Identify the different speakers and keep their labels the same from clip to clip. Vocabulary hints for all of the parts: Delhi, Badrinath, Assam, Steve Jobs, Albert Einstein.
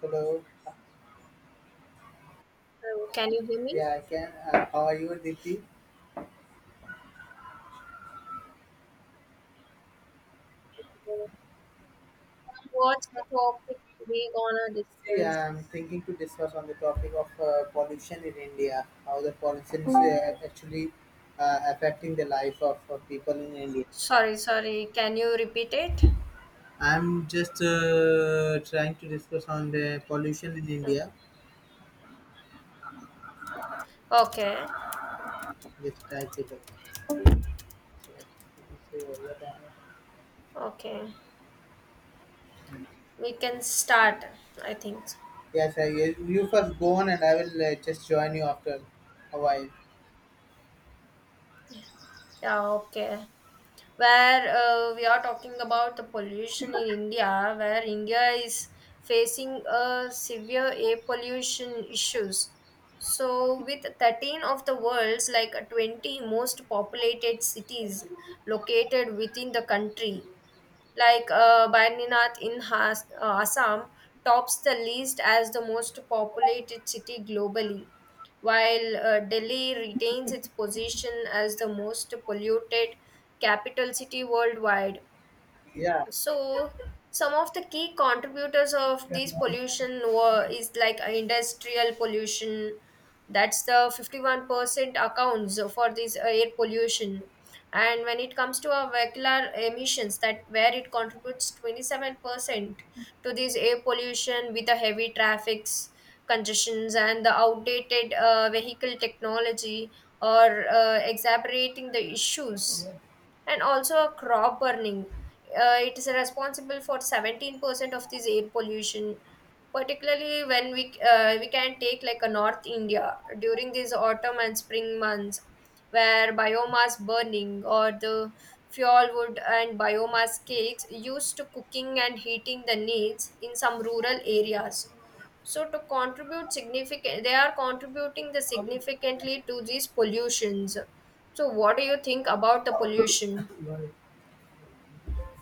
Speaker 1: Hello.
Speaker 2: Hello, can you hear me?
Speaker 1: Yeah, I can. How are you, Aditi?
Speaker 2: Uh, What's the topic we gonna
Speaker 1: See,
Speaker 2: discuss?
Speaker 1: I'm thinking to discuss on the topic of pollution in India. How the pollution is actually affecting the life of people in India.
Speaker 2: Sorry, sorry. Can you repeat it?
Speaker 1: I'm just trying to discuss on the pollution in
Speaker 2: Yeah.
Speaker 1: India.
Speaker 2: Okay,
Speaker 1: Just type it up. So, you can say over time.
Speaker 2: okay. We can start, I think.
Speaker 1: Yes, I you first go on, and I will just join you after a while.
Speaker 2: Yeah, okay, where we are talking about the pollution in India, where India is facing a severe air pollution issues. So, with 13 of the world's like 20 most populated cities located within the country, like Badrinath in Assam tops the list as the most populated city globally, while Delhi retains its position as the most polluted capital city worldwide.
Speaker 1: Yeah.
Speaker 2: So some of the key contributors of
Speaker 1: Yeah.
Speaker 2: this pollution were is like industrial pollution. That's the 51% accounts for this air pollution, and when it comes to our vehicular emissions, that where it contributes 27% to this air pollution, with the heavy traffics congestions and the outdated vehicle technology or exacerbating the issues, and also a crop burning. It is responsible for 17% of this air pollution, particularly when we can take like a North India during these autumn and spring months, where biomass burning or the fuel wood and biomass cakes used to cooking and heating the needs in some rural areas, so to contribute significant, they are contributing the significantly to these pollutions. So what do you think about the pollution?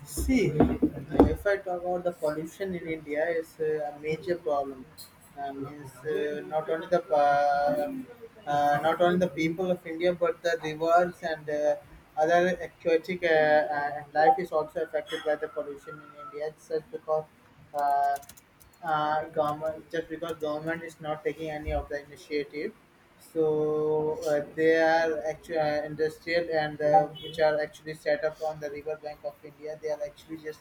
Speaker 1: See, if I talk about the pollution in India, is a major problem. Means not only the not only the people of India, but the rivers and other aquatic life is also affected by the pollution in India. It's just because uh, government, just because government is not taking any of the initiative, so they are actually industrial and which are actually set up on the river bank of India. They are actually just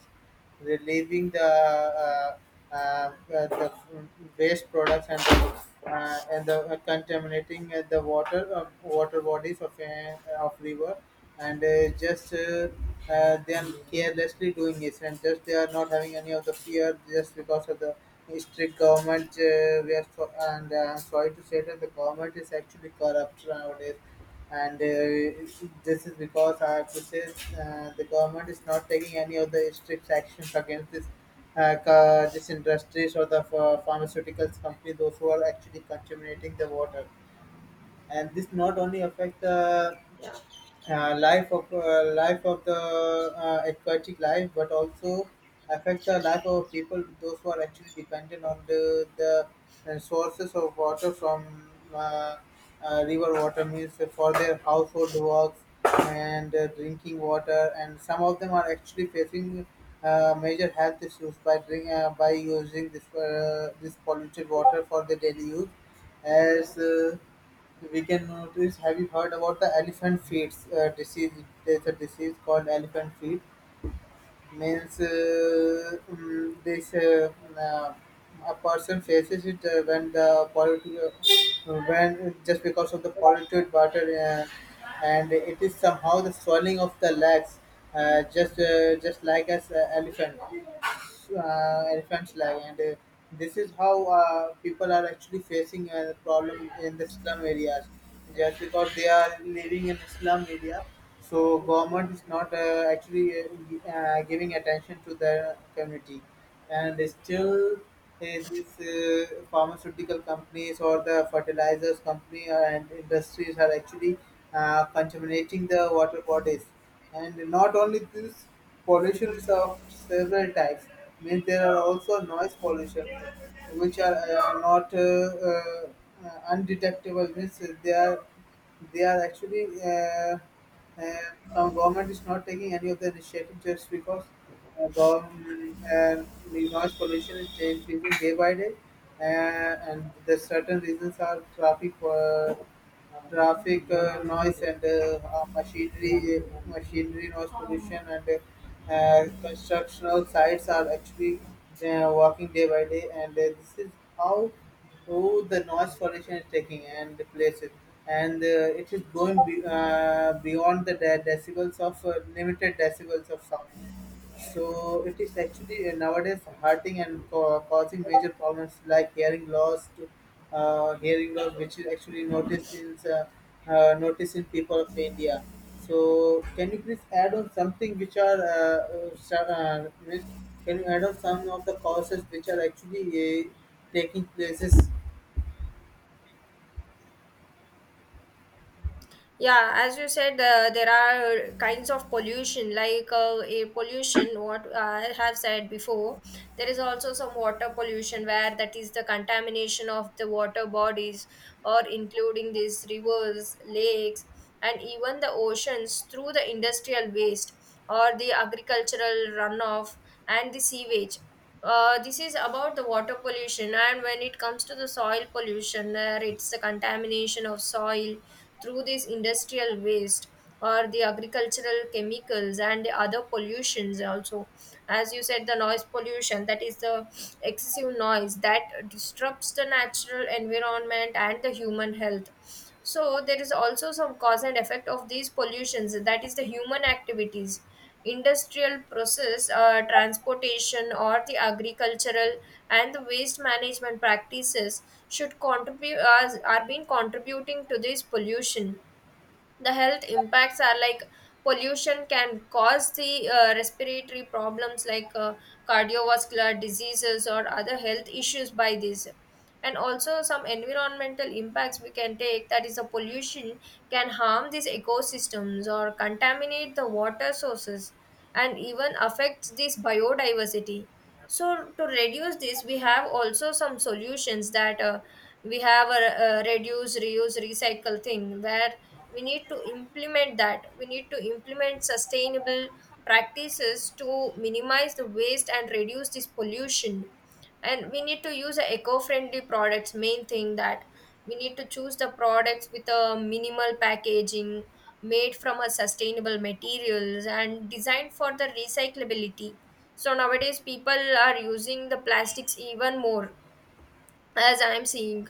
Speaker 1: relieving the waste products and the contaminating the water, water bodies of river, and just they are carelessly doing this and just they are not having any of the fear just because of the strict government we are so, and I'm sorry to say that the government is actually corrupt nowadays, and this is because I have to say the government is not taking any of the strict actions against this this industries or the pharmaceuticals company those who are actually contaminating the water, and this not only affect the
Speaker 2: Yeah,
Speaker 1: life of the aquatic life, but also affects the life of people those who are actually dependent on the sources of water from uh, river water, means for their household works and drinking water, and some of them are actually facing. Major health issues by by using this this polluted water for their daily use, as we can notice. Have you heard about the elephant feet disease? There's a disease called elephant feet, means mm, this a person faces it when the polity when just because of the polluted water, and it is somehow the swelling of the legs, just like as elephant, elephant's leg, and this is how people are actually facing a problem in the slum areas, just because they are living in a slum area, so government is not actually giving attention to the community, and still these pharmaceutical companies or the fertilizers company and industries are actually contaminating the water bodies. And not only this, pollution is of several types. Means there are also noise pollution, which are not undetectable. Means they are actually uh, government is not taking any of the initiative just because government, and the noise pollution is increasing day by day, and the certain reasons are traffic. Traffic noise and machinery noise pollution, and constructional sites are actually working day by day, and this is how how the noise pollution is taking and the places, and it is going beyond the decibels of limited decibels of sound. So it is actually nowadays hurting and causing major problems like hearing loss, which is actually noticed in noticed in people of India. So can you please add on something which are can you add on some of the causes which are actually taking places?
Speaker 2: yeah. As you said, there are kinds of pollution, like a pollution. What I have said before, there is also some water pollution, where that is the contamination of the water bodies, or including these rivers, lakes, and even the oceans through the industrial waste or the agricultural runoff and the sewage. This is about the water pollution, and when it comes to the soil pollution, it's the contamination of soil through this industrial waste or the agricultural chemicals, and the other pollutions also, as you said, the noise pollution, that is the excessive noise that disrupts the natural environment and the human health. So there is also some cause and effect of these pollutions, that is the human activities, industrial process, transportation, or the agricultural and the waste management practices should contribute as are being contributing to this pollution. The health impacts are like pollution can cause the respiratory problems, like cardiovascular diseases or other health issues by this. And also some environmental impacts we can take, that is the pollution can harm these ecosystems or contaminate the water sources and even affects this biodiversity. So to reduce this, we have also some solutions. That we have a reduce reuse recycle thing, where we need to implement sustainable practices to minimize the waste and reduce this pollution. And we need to use a eco-friendly products. Main thing that we need to choose the products with a minimal packaging, made from a sustainable materials and designed for the recyclability. So nowadays people are using the plastics even more, as I'm seeing.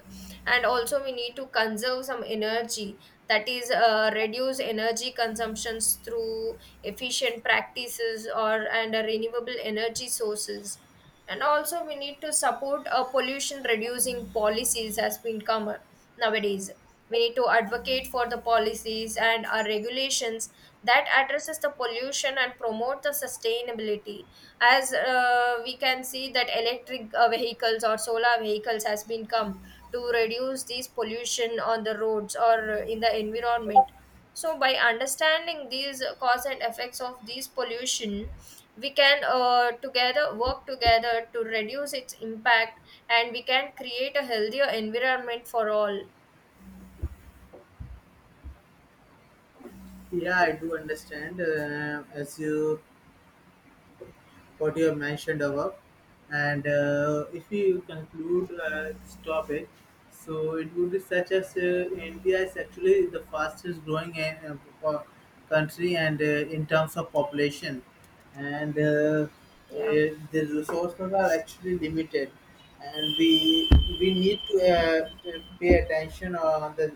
Speaker 2: And also we need to conserve some energy, that is reduce energy consumptions through efficient practices or and renewable energy sources. And also we need to support a pollution reducing policies, as been come nowadays. We need to advocate for the policies and our regulations that addresses the pollution and promote the sustainability. As we can see that electric vehicles or solar vehicles has been come to reduce these pollution on the roads or in the environment. So by understanding these cause and effects of these pollution, we can together work together to reduce its impact, and we can create a healthier environment for all.
Speaker 1: Yeah, I do understand. As you what you have mentioned above. And if we conclude this topic, so it would be such as India is actually the fastest growing country and in terms of population, and uh,
Speaker 2: Yeah.
Speaker 1: eh, the resources are actually limited, and we need to pay attention on the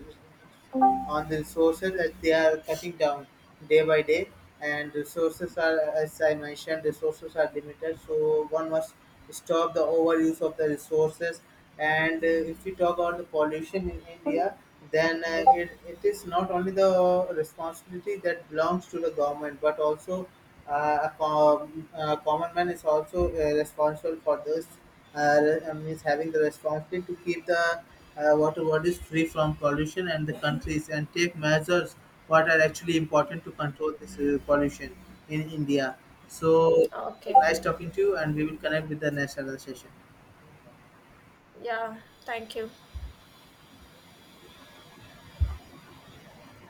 Speaker 1: on the resources that they are cutting down day by day. And resources are, as I mentioned, resources are limited, so one must stop the overuse of the resources. And if we talk about the pollution in India, then it is not only the responsibility that belongs to the government, but also a common man is also responsible for this, means having the responsibility to keep the water bodies free from pollution, and the countries and take measures what are actually important to control this pollution in India. So,
Speaker 2: Okay.
Speaker 1: nice talking to you, and we will connect with the next another session.
Speaker 2: Yeah, thank you.